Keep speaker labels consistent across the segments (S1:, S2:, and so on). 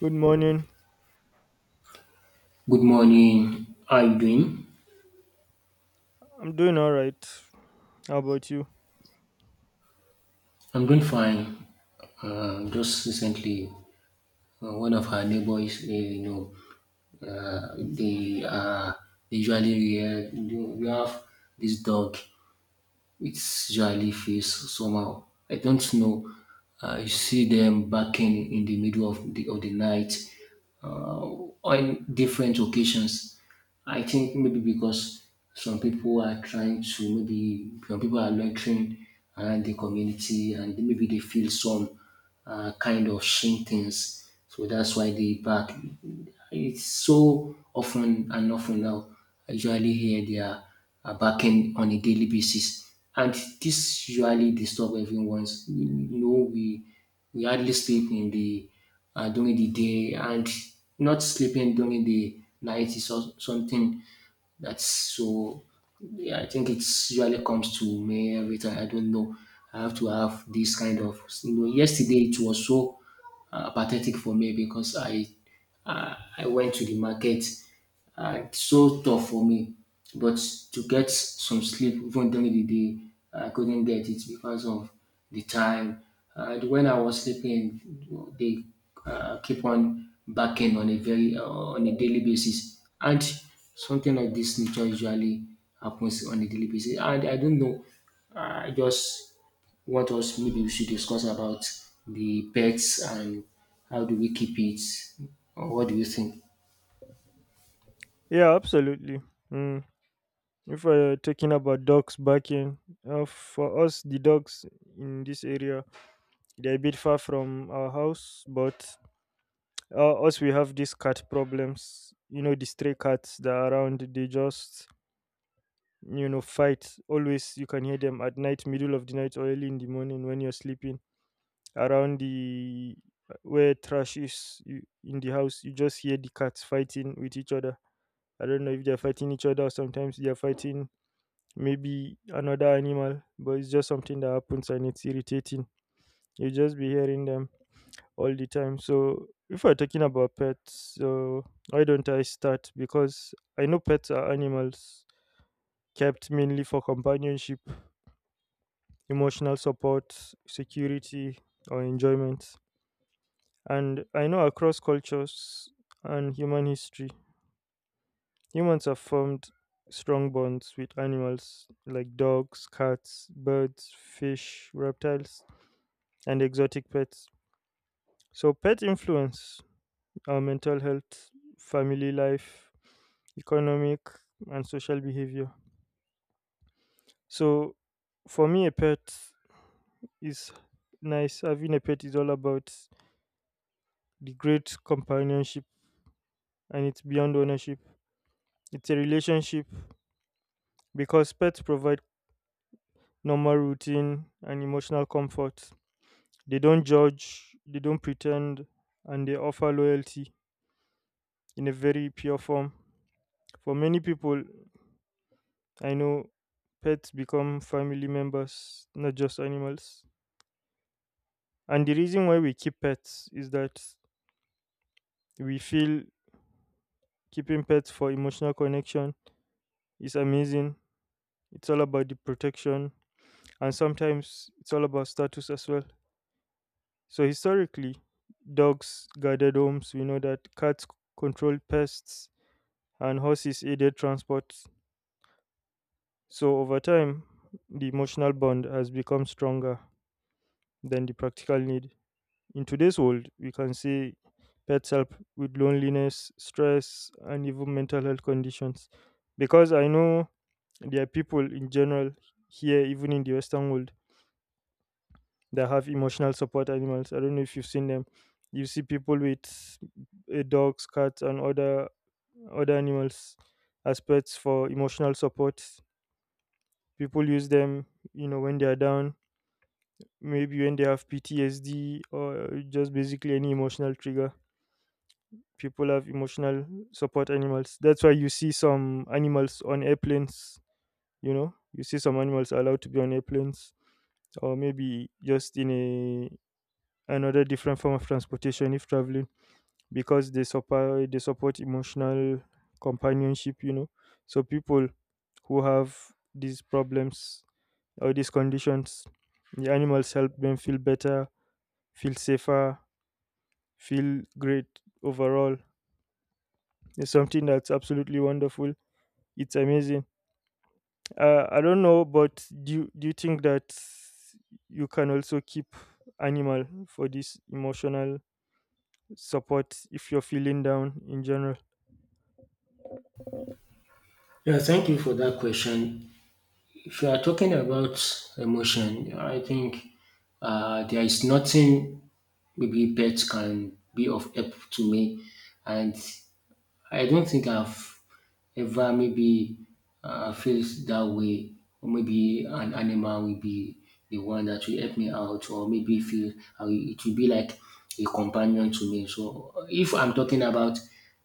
S1: Good morning.
S2: Good morning. How are you doing?
S1: I'm doing all right. How about you?
S2: I'm doing fine. Just recently, one of our neighbors, uh, they uh, they usually we have this dog. It's jellyfish somehow. I don't know. I see them barking in the middle of the night uh, on different occasions. I think maybe because some people are trying to maybe some people are loitering around the community, and maybe they feel some kind of shame things. So that's why they bark. It's so often and often now. I usually hear their backend on a daily basis. And this usually disturb everyone's. You know, we hardly sleep in the during the day, and not sleeping during the night is also something that's so. Yeah, I think it's usually comes to me every time. I don't know. I have to have this kind of. You know, yesterday it was so pathetic for me because I went to the market. It's so tough for me. But to get some sleep even during the day, I couldn't get it because of the time. And when I was sleeping, they keep on backing on a very on a daily basis, and something like this nature usually happens on a daily basis. And I don't know, I just want us maybe we should discuss about the pets and how do we keep it, or what do you think?
S1: Yeah, absolutely. Mm. If we're talking about dogs barking, for us, the dogs in this area, they're a bit far from our house, but us, we have these cat problems. You know, the stray cats that are around, they just, you know, fight. Always, you can hear them at night, middle of the night, or early in the morning when you're sleeping around the where trash is you, in the house. You just hear the cats fighting with each other. I don't know if they're fighting each other or sometimes they're fighting maybe another animal, but it's just something that happens and it's irritating. You just be hearing them all the time. So if we're talking about pets, so why don't I start? Because I know pets are animals kept mainly for companionship, emotional support, security, or enjoyment. And I know across cultures and human history, humans have formed strong bonds with animals like dogs, cats, birds, fish, reptiles, and exotic pets. So, pet influence our mental health, family life, economic, and social behavior. So, for me, a pet is nice. Having a pet is all about the great companionship and it's beyond ownership. It's a relationship because pets provide normal routine and emotional comfort. They don't judge, they don't pretend, and they offer loyalty in a very pure form. For many people I know, pets become family members, not just animals. And the reason why we keep pets is that we feel keeping pets for emotional connection is amazing. It's all about the protection, and sometimes it's all about status as well. So, historically, dogs guarded homes. We know that controlled pests, and horses aided transport. So over time, the emotional bond has become stronger than the practical need. In today's world, we can see pets help with loneliness, stress, and even mental health conditions. Because I know there are people in general here, even in the Western world, that have emotional support animals. I don't know if you've seen them. You see people with dogs, cats, and other animals as pets for emotional support. People use them, you know, when they are down. Maybe when they have PTSD or just basically any emotional trigger. People have emotional support animals. That's why you see some animals on airplanes, you know? You see some animals are allowed to be on airplanes or maybe just in a another different form of transportation if traveling because they support emotional companionship, you know. So people who have these problems or these conditions, the animals help them feel better, feel safer, feel great overall. It's something that's absolutely wonderful. It's amazing. I don't know, but do you think that you can also keep animal for this emotional support if you're feeling down in general?
S2: Yeah, thank you for that question. If you are talking about emotion, I think there is nothing maybe pets can be of help to me, and I don't think I've ever maybe feels that way, or maybe an animal will be the one that will help me out, or maybe feel it will be like a companion to me. So if I'm talking about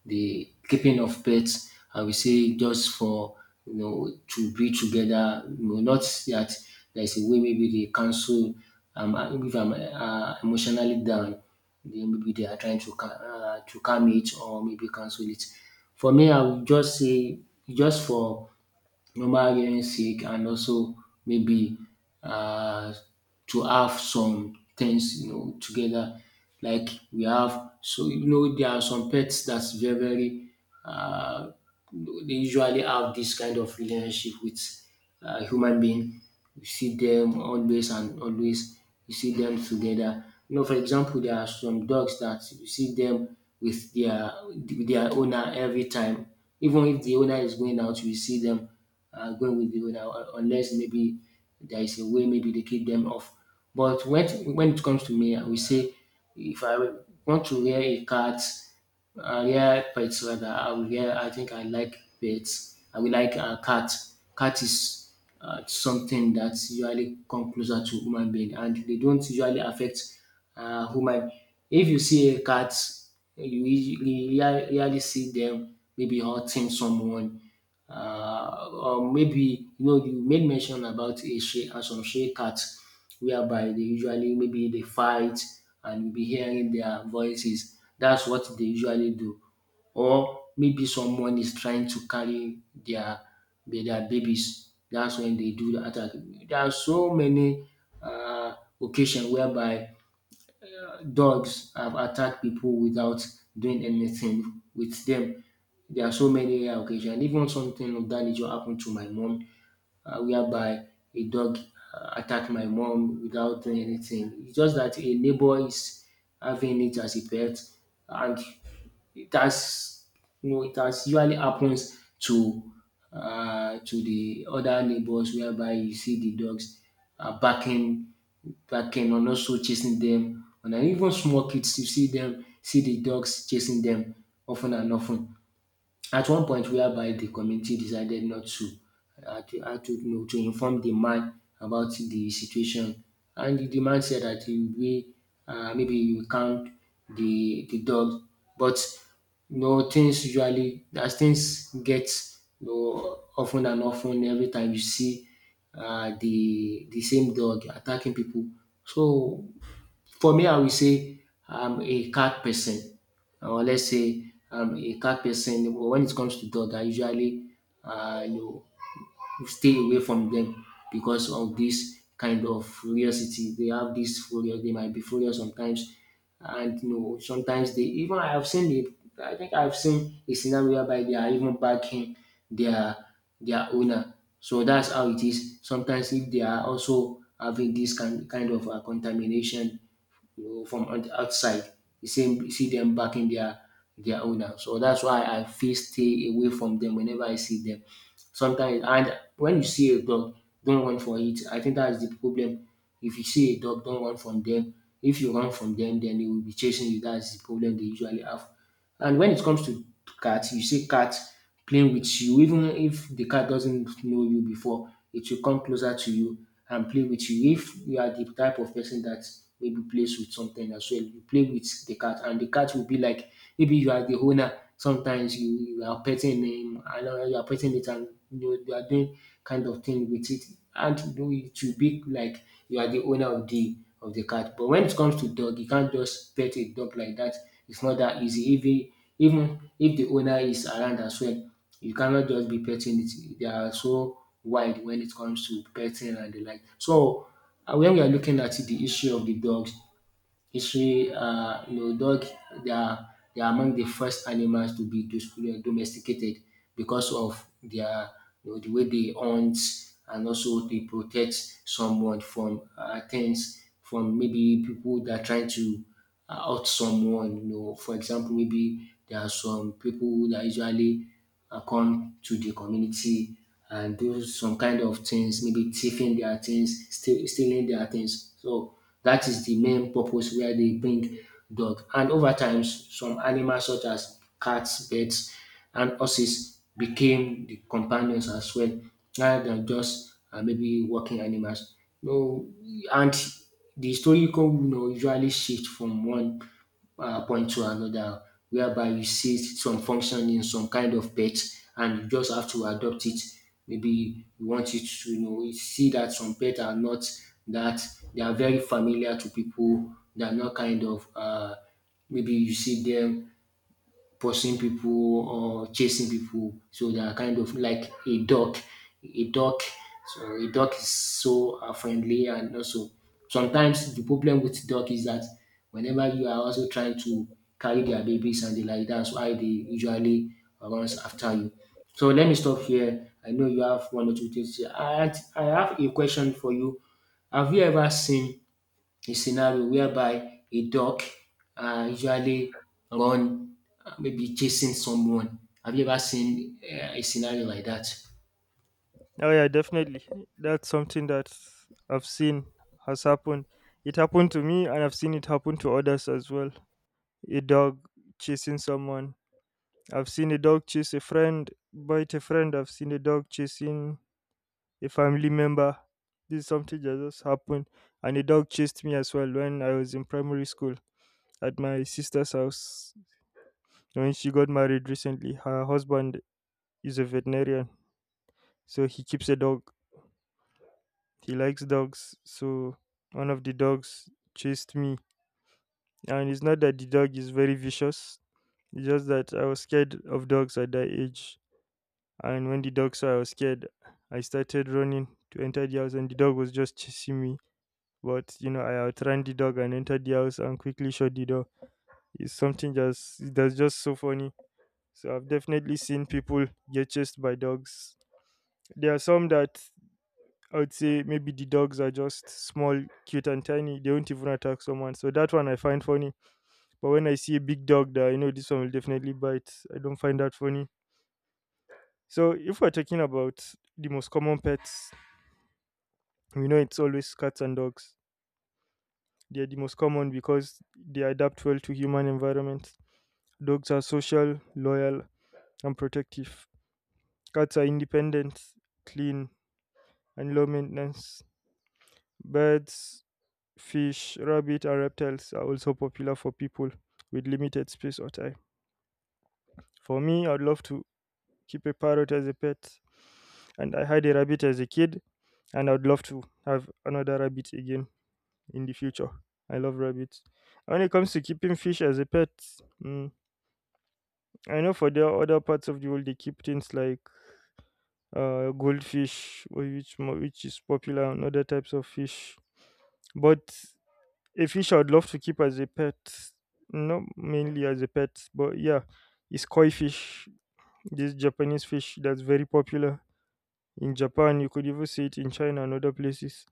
S2: the keeping of pets, I will say just for, you know, to be together. You know, not that there is a way maybe they cancel. If I'm emotionally down, then maybe they are trying to to calm it or maybe cancel it. For me, I would just say just for normal hearing sake and also maybe uh to have some things, you know, together, like we have. So you know, there are some pets that's very very uh they usually have this kind of relationship with human being. You see them always and always. You see them together. You know, for example, there are some dogs that you see them with their owner every time. Even if the owner is going out, you see them going with the owner, unless maybe there is a way maybe they keep them off. But when it comes to me, I will say if I want to wear a cat, yeah, pets rather. I will, yeah, I think I like pets. I will like cat. Cat is something that usually come closer to human being, and they don't usually affect human. If you see a cat, you usually rarely see them maybe hurting someone, or maybe, you know, you made mention about a Shea and some Shea cats, whereby they usually maybe they fight and you'll be hearing their voices. That's what they usually do. Or maybe someone is trying to carry their babies. That's when they do the attack. There are so many uh, occasions whereby dogs have attacked people without doing anything with them. There are so many rare occasion. Even something of that nature happened to my mom, whereby a dog attacked my mom without doing anything. It's just that a neighbor is having it as a pet, and it has, you know, it has usually happens to the other neighbors, whereby you see the dogs are barking and also chasing them, and then even small kids you see them see the dogs chasing them often and often. At one point, whereby the committee decided not to to, you know, to inform the man about the situation, and the man said that he we maybe you count the dog, but you know things usually as things get, you know, often and often, every time you see the same dog attacking people. So for me, I will say I'm a cat person, or let's say a cat person. But when it comes to dog, I usually, you know, stay away from them because of this kind of curiosity. They have this furious, they might be furious sometimes. And you know, sometimes they even I have seen it. I think I've seen a scenario whereby they are even backing their their owner. So that's how it is. Sometimes if they are also having this kind of contamination, you know, from outside, you see them backing their owner. So that's why I feel stay away from them whenever I see them sometimes. And when you see a dog, don't run for it. I think that is the problem. If you see a dog, don't run from them. If you run from them, then they will be chasing you. That's the problem they usually have. And when it comes to cat, you see cat playing with you. Even if the cat doesn't know you before, it will come closer to you and play with you. If you are the type of person that maybe plays with something as well, you play with the cat, and the cat will be like maybe you are the owner. Sometimes you, you are petting them, and you are petting it, and you are doing kind of thing with it, and you, it will be like you are the owner of the cat. But when it comes to dog, you can't just pet a dog like that. It's not that easy. Even if the owner is around as well, you cannot just be petting it. They are so wide when it comes to petting and the like. So when we are looking at the issue of the dogs, history, you know, dog, they are, they are among the first animals to be you know, domesticated because of their, you know, the way they hunt and also they protect someone from things, from maybe people that are trying to out someone. You know, for example, maybe there are some people that usually come to the community and do some kind of things, maybe thieving their things, stealing their things. So that is the main purpose where they bring dog. And over time, some animals such as cats, birds, and horses became the companions as well, rather than just maybe working animals. No, and the historical, you know, usually shift from one point to another, whereby you see some function in some kind of pet and you just have to adopt it. Maybe you want it to, you know, you see that some pets are not that they are very familiar to people. They are not kind of maybe you see them pursuing people or chasing people. So they are kind of like a dog. A dog, so a dog is so friendly, and also sometimes the problem with dog is that whenever you are also trying to carry their babies and the like, that's why they usually runs after you. So let me stop here. I know you have one or two things here. I have a question for you. Have you ever seen a scenario whereby a dog usually run maybe chasing someone. Have you ever seen a scenario like that?
S1: Oh yeah, definitely. That's something that I've seen has happened. It happened to me, and I've seen it happen to others as well. A dog chasing someone. I've seen a dog chase a friend, bite a friend. I've seen a dog chasing a family member. This is something that just happened, and a dog chased me as well when I was in primary school at my sister's house. When she got married recently, her husband is a veterinarian, so he keeps a dog. He likes dogs, so one of the dogs chased me. And it's not that the dog is very vicious, it's just that I was scared of dogs at that age. And when the dog saw I was scared, I started running to enter the house, and the dog was just chasing me. But you know, I outran the dog and entered the house and quickly shut the door. It's something just that's just so funny. So I've definitely seen people get chased by dogs. There are some that I would say maybe the dogs are just small, cute, and tiny. They won't even attack someone. So that one I find funny. But when I see a big dog that I know this one will definitely bite, I don't find that funny. So if we're talking about the most common pets, we know it's always cats and dogs. They are the most common because they adapt well to human environment. Dogs are social, loyal, and protective. Cats are independent, clean, and low maintenance. Birds, fish, rabbit, and reptiles are also popular for people with limited space or time. For me, I'd love to keep a parrot as a pet, and I had a rabbit as a kid, and I'd love to have another rabbit again in the future. I love rabbits. When it comes to keeping fish as a pet, mm, I know for the other parts of the world they keep things like goldfish, which is popular, and other types of fish. But a fish I would love to keep as a pet, not mainly as a pet, but yeah, is koi fish, this Japanese fish that's very popular in Japan. You could even see it in China and other places.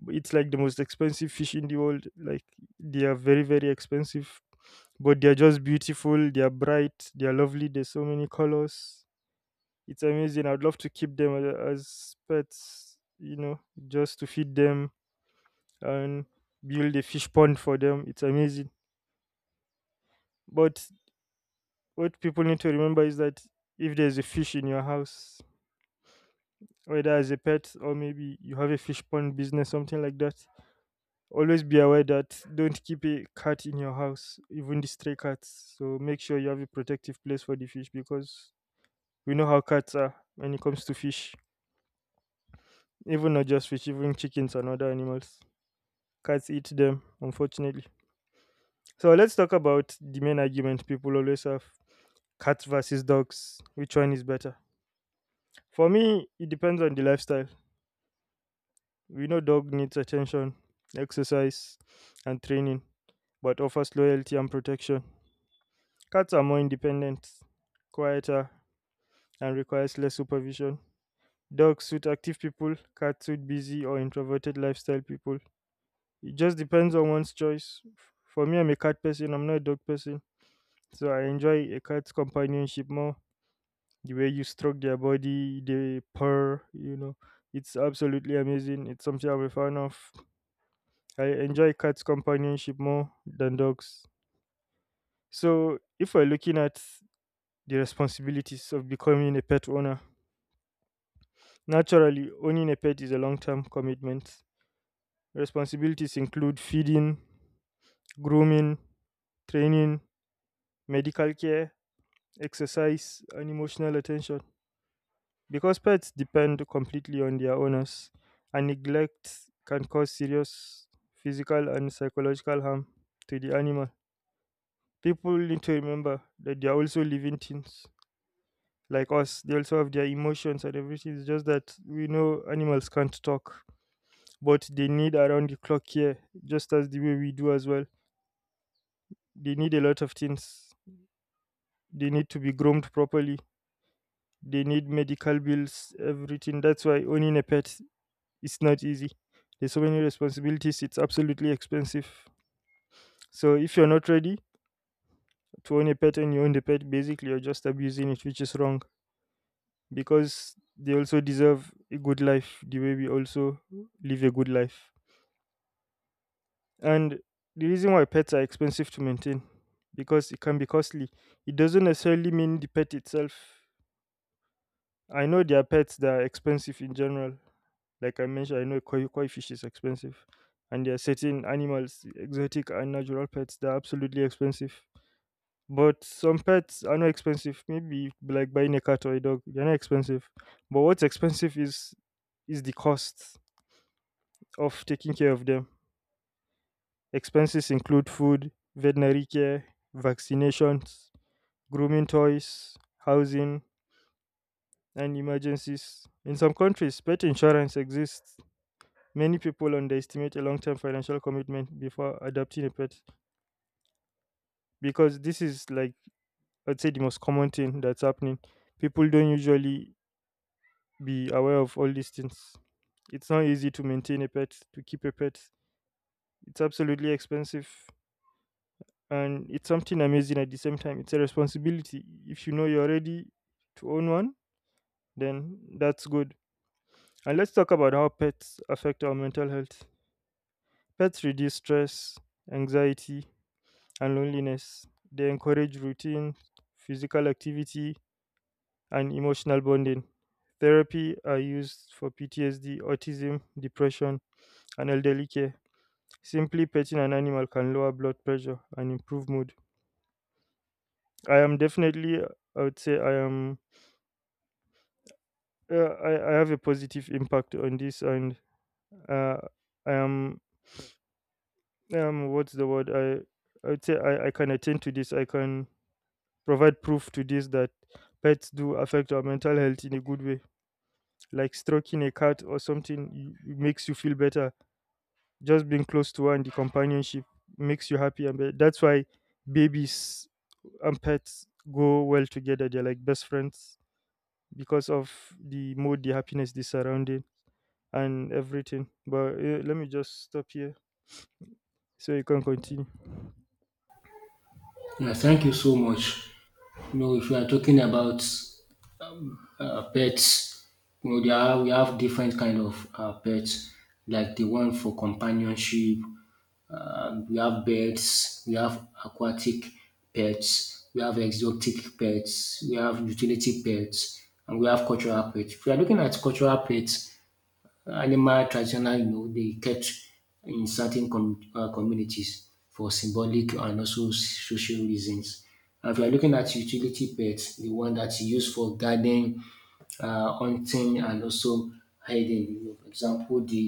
S1: But it's like the most expensive fish in the world. Like they are very, very expensive, but they are just beautiful. They are bright. They are lovely. There's so many colors. It's amazing. I'd love to keep them as pets. You know, just to feed them and build a fish pond for them. It's amazing. But what people need to remember is that if there's a fish in your house, whether as a pet or maybe you have a fish pond business, something like that, always be aware that don't keep a cat in your house, even the stray cats. So make sure you have a protective place for the fish because we know how cats are when it comes to fish. Even not just fish, even chickens and other animals. Cats eat them, unfortunately. So let's talk about the main argument people always have: cats versus dogs. Which one is better? For me, it depends on the lifestyle. We know dog needs attention, exercise, and training, but offers loyalty and protection. Cats are more independent, quieter, and requires less supervision. Dogs suit active people, cats suit busy or introverted lifestyle people. It just depends on one's choice. For me, I'm a cat person, I'm not a dog person. So I enjoy a cat's companionship more. The way you stroke their body, they purr, you know. It's absolutely amazing. It's something I'm a fan of. I enjoy cats' companionship more than dogs. So, if we're looking at the responsibilities of becoming a pet owner, naturally, owning a pet is a long term commitment. Responsibilities include feeding, grooming, training, medical care, exercise, and emotional attention. Because pets depend completely on their owners, and neglect can cause serious physical and psychological harm to the animal. People need to remember that they are also living things like us. They also have their emotions and everything. It's just that we know animals can't talk, but they need around the clock care, just as the way we do as well. They need a lot of things. They need to be groomed properly. They need medical bills, everything. That's why owning a pet is not easy. There's so many responsibilities. It's absolutely expensive. So if you're not ready to own a pet and you own the pet, basically you're just abusing it, which is wrong because they also deserve a good life the way we also live a good life. And the reason why pets are expensive to maintain because it can be costly. It doesn't necessarily mean the pet itself. I know there are pets that are expensive in general. Like I mentioned, I know koi fish is expensive. And there are certain animals, exotic and natural pets, that are absolutely expensive. But some pets are not expensive. Maybe like buying a cat or a dog, they're not expensive. But what's expensive is the cost of taking care of them. Expenses include food, veterinary care, vaccinations, grooming toys, housing, and emergencies. In some countries, pet insurance exists. Many people underestimate a long term financial commitment before adopting a pet because this is, like, I'd say, the most common thing that's happening. People don't usually be aware of all these things. It's not easy to maintain a pet, to keep a pet, it's absolutely expensive. And it's something amazing at the same time. It's a responsibility. If you know you're ready to own one, then that's good. And let's talk about how pets affect our mental health. Pets reduce stress, anxiety, and loneliness. They encourage routine, physical activity, and emotional bonding. Therapy are used for PTSD, autism, depression, and elderly care. Simply petting an animal can lower blood pressure and improve mood. I am definitely, I would say, I am… Yeah, I have a positive impact on this, and uh, I am, um what's the word? I would say I can attend to this. I can provide proof to this that pets do affect our mental health in a good way. Like stroking a cat or something it makes you feel better. Just being close to her, and the companionship makes you happy, and that's why babies and pets go well together. They're like best friends because of the mood, the happiness, the surrounding, and everything. But let me just stop here so you can continue.
S2: Yeah, thank you so much. You know, if you are talking about pets. You know, we have different kind of pets, like the one for companionship. We have birds. We have aquatic pets. We have exotic pets. We have utility pets, and we have cultural pets. If you are looking at cultural pets, animal traditional, you know, they kept in certain communities for symbolic and also social reasons. And if you are looking at utility pets, the one that's used for gardening, hunting and also hiding, you know. For example, the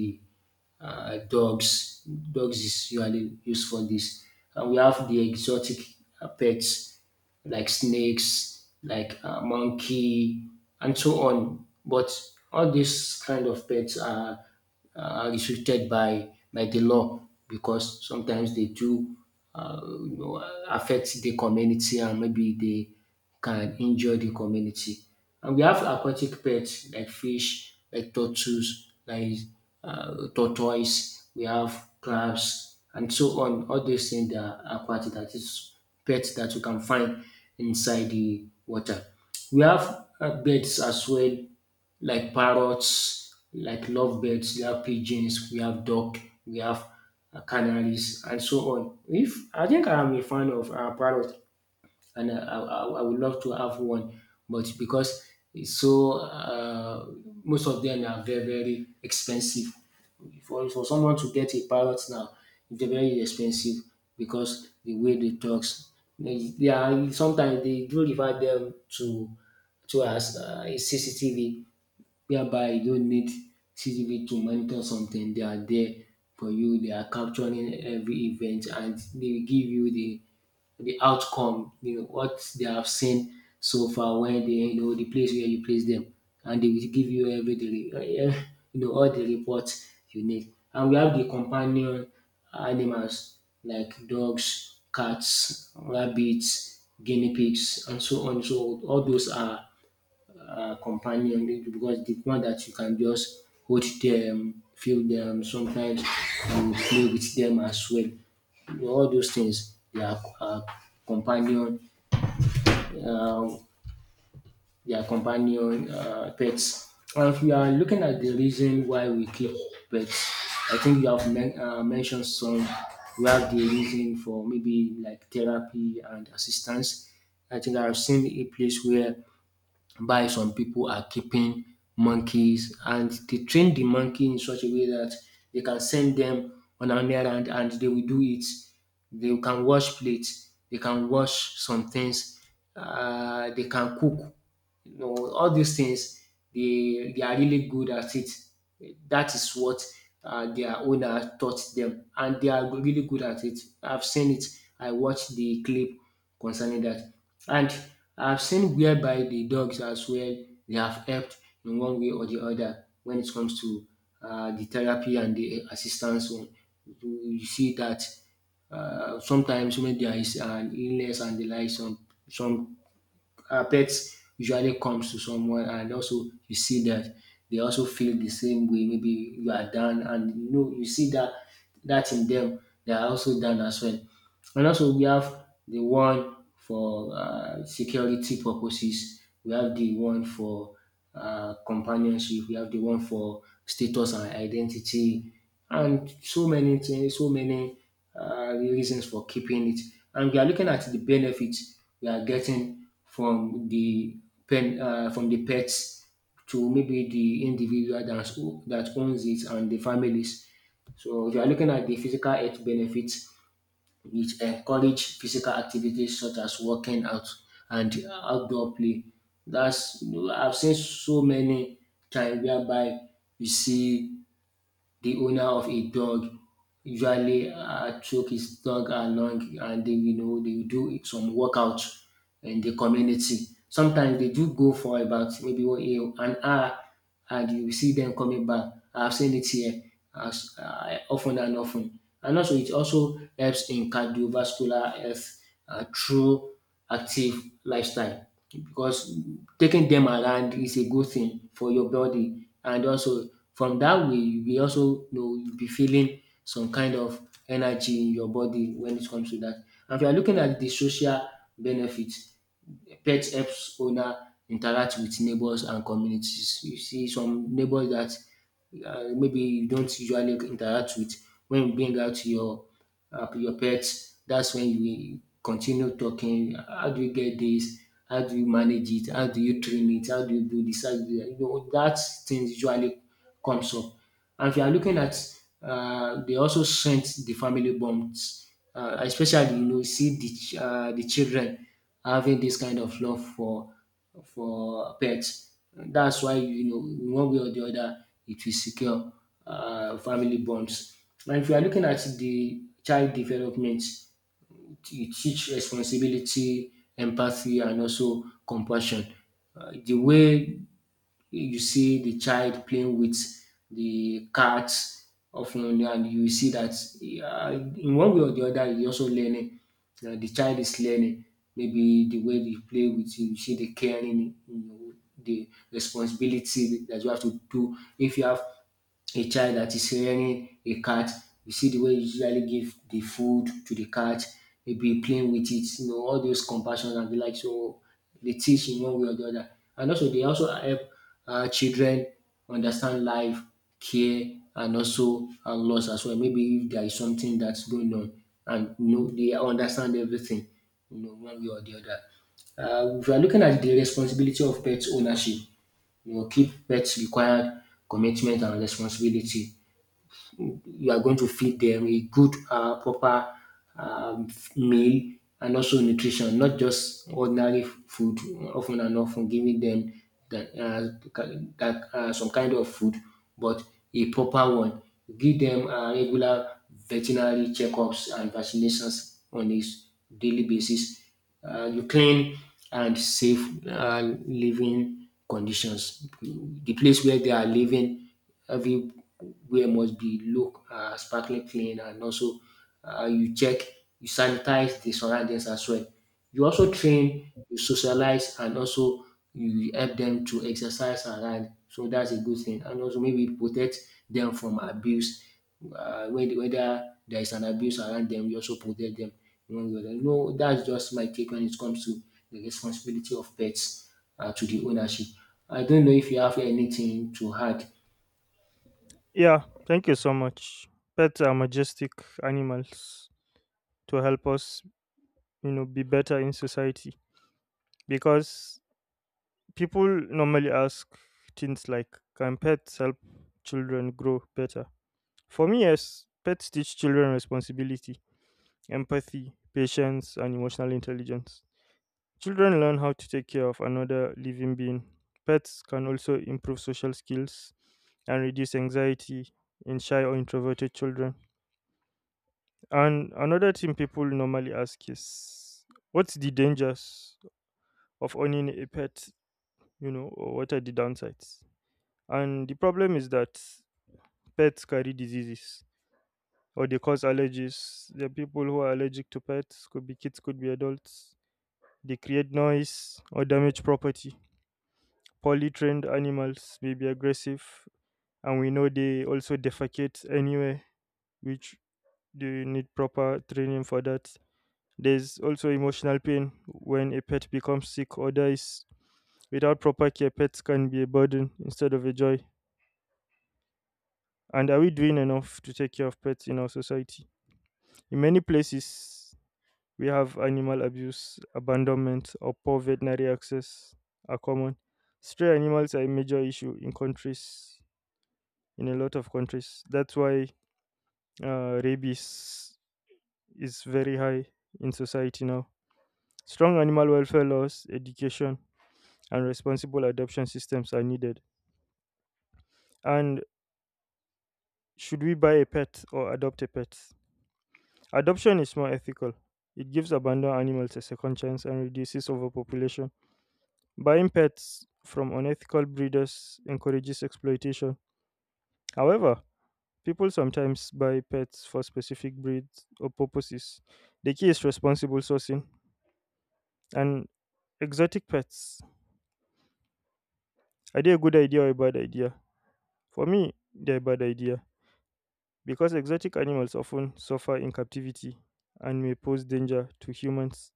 S2: dogs. Dogs is usually used for this. And we have the exotic pets like snakes, like monkey, and so on. But all these kind of pets are restricted by the law, because sometimes they do, you know, affect the community, and maybe they can injure the community. And we have aquatic pets like fish, like turtles, like tortoise, we have crabs, and so on. All these things that are aquatic, that is, pets that you can find inside the water. We have birds as well, like parrots, like lovebirds, we have pigeons, we have duck, we have canaries, and so on. If I think I'm a fan of parrot, and I would love to have one, but because it's so most of them are very very expensive. For someone to get a parrot now, they're very expensive because the way they talks, they are sometimes they do refer them to as a CCTV whereby you don't need CCTV to monitor something. They are there for you. They are capturing every event and they will give you the outcome, you know, what they have seen so far when they, you know, the place where you place them, and they will give you everything you know, all the reports you need. And we have the companion animals like dogs, cats, rabbits, guinea pigs, and so on. So all those are companion because the one that you can just hold them, feel them, sometimes you play with them as well. All those things, they are companion, uh, they are companion pets. And if we are looking at the reason why we keep pets, I think you have mentioned some. We have the reason for maybe like therapy and assistance. I think I've seen a place where by some people are keeping monkeys and they train the monkey in such a way that they can send them on an errand and they will do it. They can wash plates, they can wash some things, they can cook, you know, all these things they are really good at it. That is what their owner taught them, and they are really good at it. I've seen it. I watched the clip concerning that, and I've seen whereby the dogs as well, they have helped in one way or the other when it comes to the therapy and the assistance. So you see that sometimes when there is an illness and the like, some pets usually comes to someone, and also you see that they also feel the same way. Maybe you are down, and you know, you see that, that in them, they are also down as well. And also we have the one for security purposes, we have the one for companionship, we have the one for status and identity, and so many things, so many reasons for keeping it. And we are looking at the benefits we are getting from the pen from the pets to maybe the individual that, that owns it, and the families. So if you are looking at the physical health benefits, it encourage physical activities such as working out and outdoor play. That's, you know, I've seen so many times whereby you see the owner of a dog usually took his dog along, and they, you know, they do some workout in the community. Sometimes they do go for about maybe an hour, and you see them coming back. I've seen it here as often and often. And also, it also helps in cardiovascular health through active lifestyle, because taking them around is a good thing for your body, and also from that way, you will also, you know, you be feeling some kind of energy in your body when it comes to that. And if you are looking at the social benefits, pet helps owner interact with neighbors and communities. You see some neighbors that maybe you don't usually interact with. When you bring out your pets, that's when you continue talking, how do you get this, how do you manage it, how do you train it, how do you do this, how do you, you know, that thing usually comes up. And if you are looking at they also strengthen the family bonds, especially, you know, see the the children having this kind of love for pets. That's why, you know, one way or the other it will secure family bonds. And if you are looking at the child development, it teach responsibility, empathy, and also compassion. The way you see the child playing with the cats often, and you see that in one way or the other, he's also learning, the child is learning, maybe the way they play with you, you see the caring, you know, the responsibility that you have to do if you have a child that is rearing a cat. You see the way you usually give the food to the cat, maybe playing with it, you know, all those compassion and the like. So they teach in one way or the other. And also they also help children understand life, care, and also and loss as well. Maybe if there is something that's going on, and you know, they understand everything, you know, one way or the other. If you are looking at the responsibility of pet ownership, you know, keep pets require commitment and responsibility. You are going to feed them a good, proper um, meal and also nutrition, not just ordinary food. Often and often, giving them that, some kind of food, but a proper one. Give them regular veterinary checkups and vaccinations on a daily basis. You clean and safe living conditions. The place where they are living, everywhere must be look sparkling clean, and also you check, you sanitize the surroundings as well. You also train, you socialize, and also you help them to exercise around. So that's a good thing. And also maybe protect them from abuse. Whether there is an abuse around them, you also protect them, one way or the other. No, that's just my take when it comes to the responsibility of pets to the ownership. I don't know if you have anything to add.
S1: Yeah, thank you so much. Pets are majestic animals to help us, you know, be better in society, because people normally ask things like, can pets help children grow better? For me, yes, pets teach children responsibility, empathy, patience, and emotional intelligence. Children learn how to take care of another living being. Pets can also improve social skills and reduce anxiety in shy or introverted children. And another thing people normally ask is, what's the dangers of owning a pet? You know, or what are the downsides? And the problem is that pets carry diseases or they cause allergies. There are people who are allergic to pets, could be kids, could be adults. They create noise or damage property. Poorly trained animals may be aggressive, and we know they also defecate anywhere, which they need proper training for that. There's also emotional pain when a pet becomes sick or dies. Without proper care, pets can be a burden instead of a joy. And are we doing enough to take care of pets in our society? In many places, we have animal abuse, abandonment, or poor veterinary access are common. Stray animals are a major issue in countries, in a lot of countries. That's why rabies is very high in society now. Strong animal welfare laws, education, and responsible adoption systems are needed. And should we buy a pet or adopt a pet? Adoption is more ethical. It gives abandoned animals a second chance and reduces overpopulation. Buying pets from unethical breeders encourages exploitation. However, people sometimes buy pets for specific breeds or purposes. The key is responsible sourcing. And exotic pets, are they a good idea or a bad idea? For me, they're a bad idea because exotic animals often suffer in captivity and may pose danger to humans.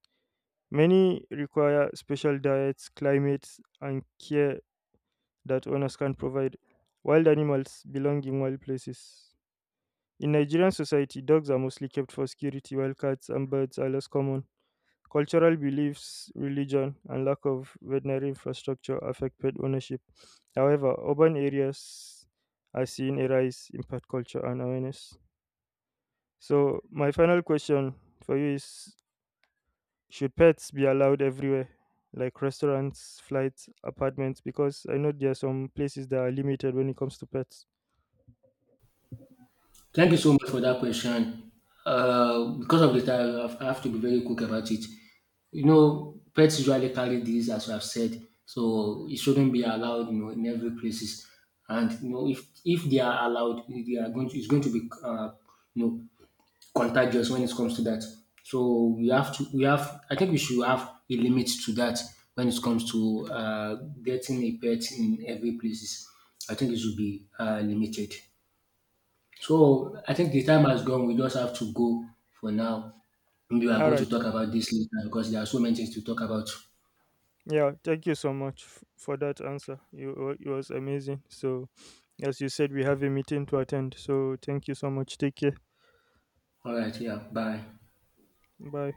S1: Many require special diets, climates, and care that owners can provide. Wild animals belong in wild places. In Nigerian society, dogs are mostly kept for security, while cats and birds are less common. Cultural beliefs, religion, and lack of veterinary infrastructure affect pet ownership. However, urban areas are seeing a rise in pet culture and awareness. So, my final question for you is, should pets be allowed everywhere, like restaurants, flights, apartments? Because I know there are some places that are limited when it comes to pets.
S2: Thank you so much for that question. Because of the time, I have to be very quick about it. You know, pets usually carry disease, as I've said, so it shouldn't be allowed, you know, in every places. And you know, if they are allowed, they are going to, it's going to be you know, contagious when it comes to that. So we have, I think we should have a limit to that when it comes to getting a pet in every places. I think it should be limited. So I think the time has gone. We just have to go for now. Maybe we are
S1: All
S2: going to
S1: right.
S2: talk about this later because there are so many things to talk about.
S1: Yeah. Thank you so much for that answer. It was amazing. So, as you said, we have a meeting to attend. So, thank you so much. Take care.
S2: All right, yeah, bye.
S1: Bye.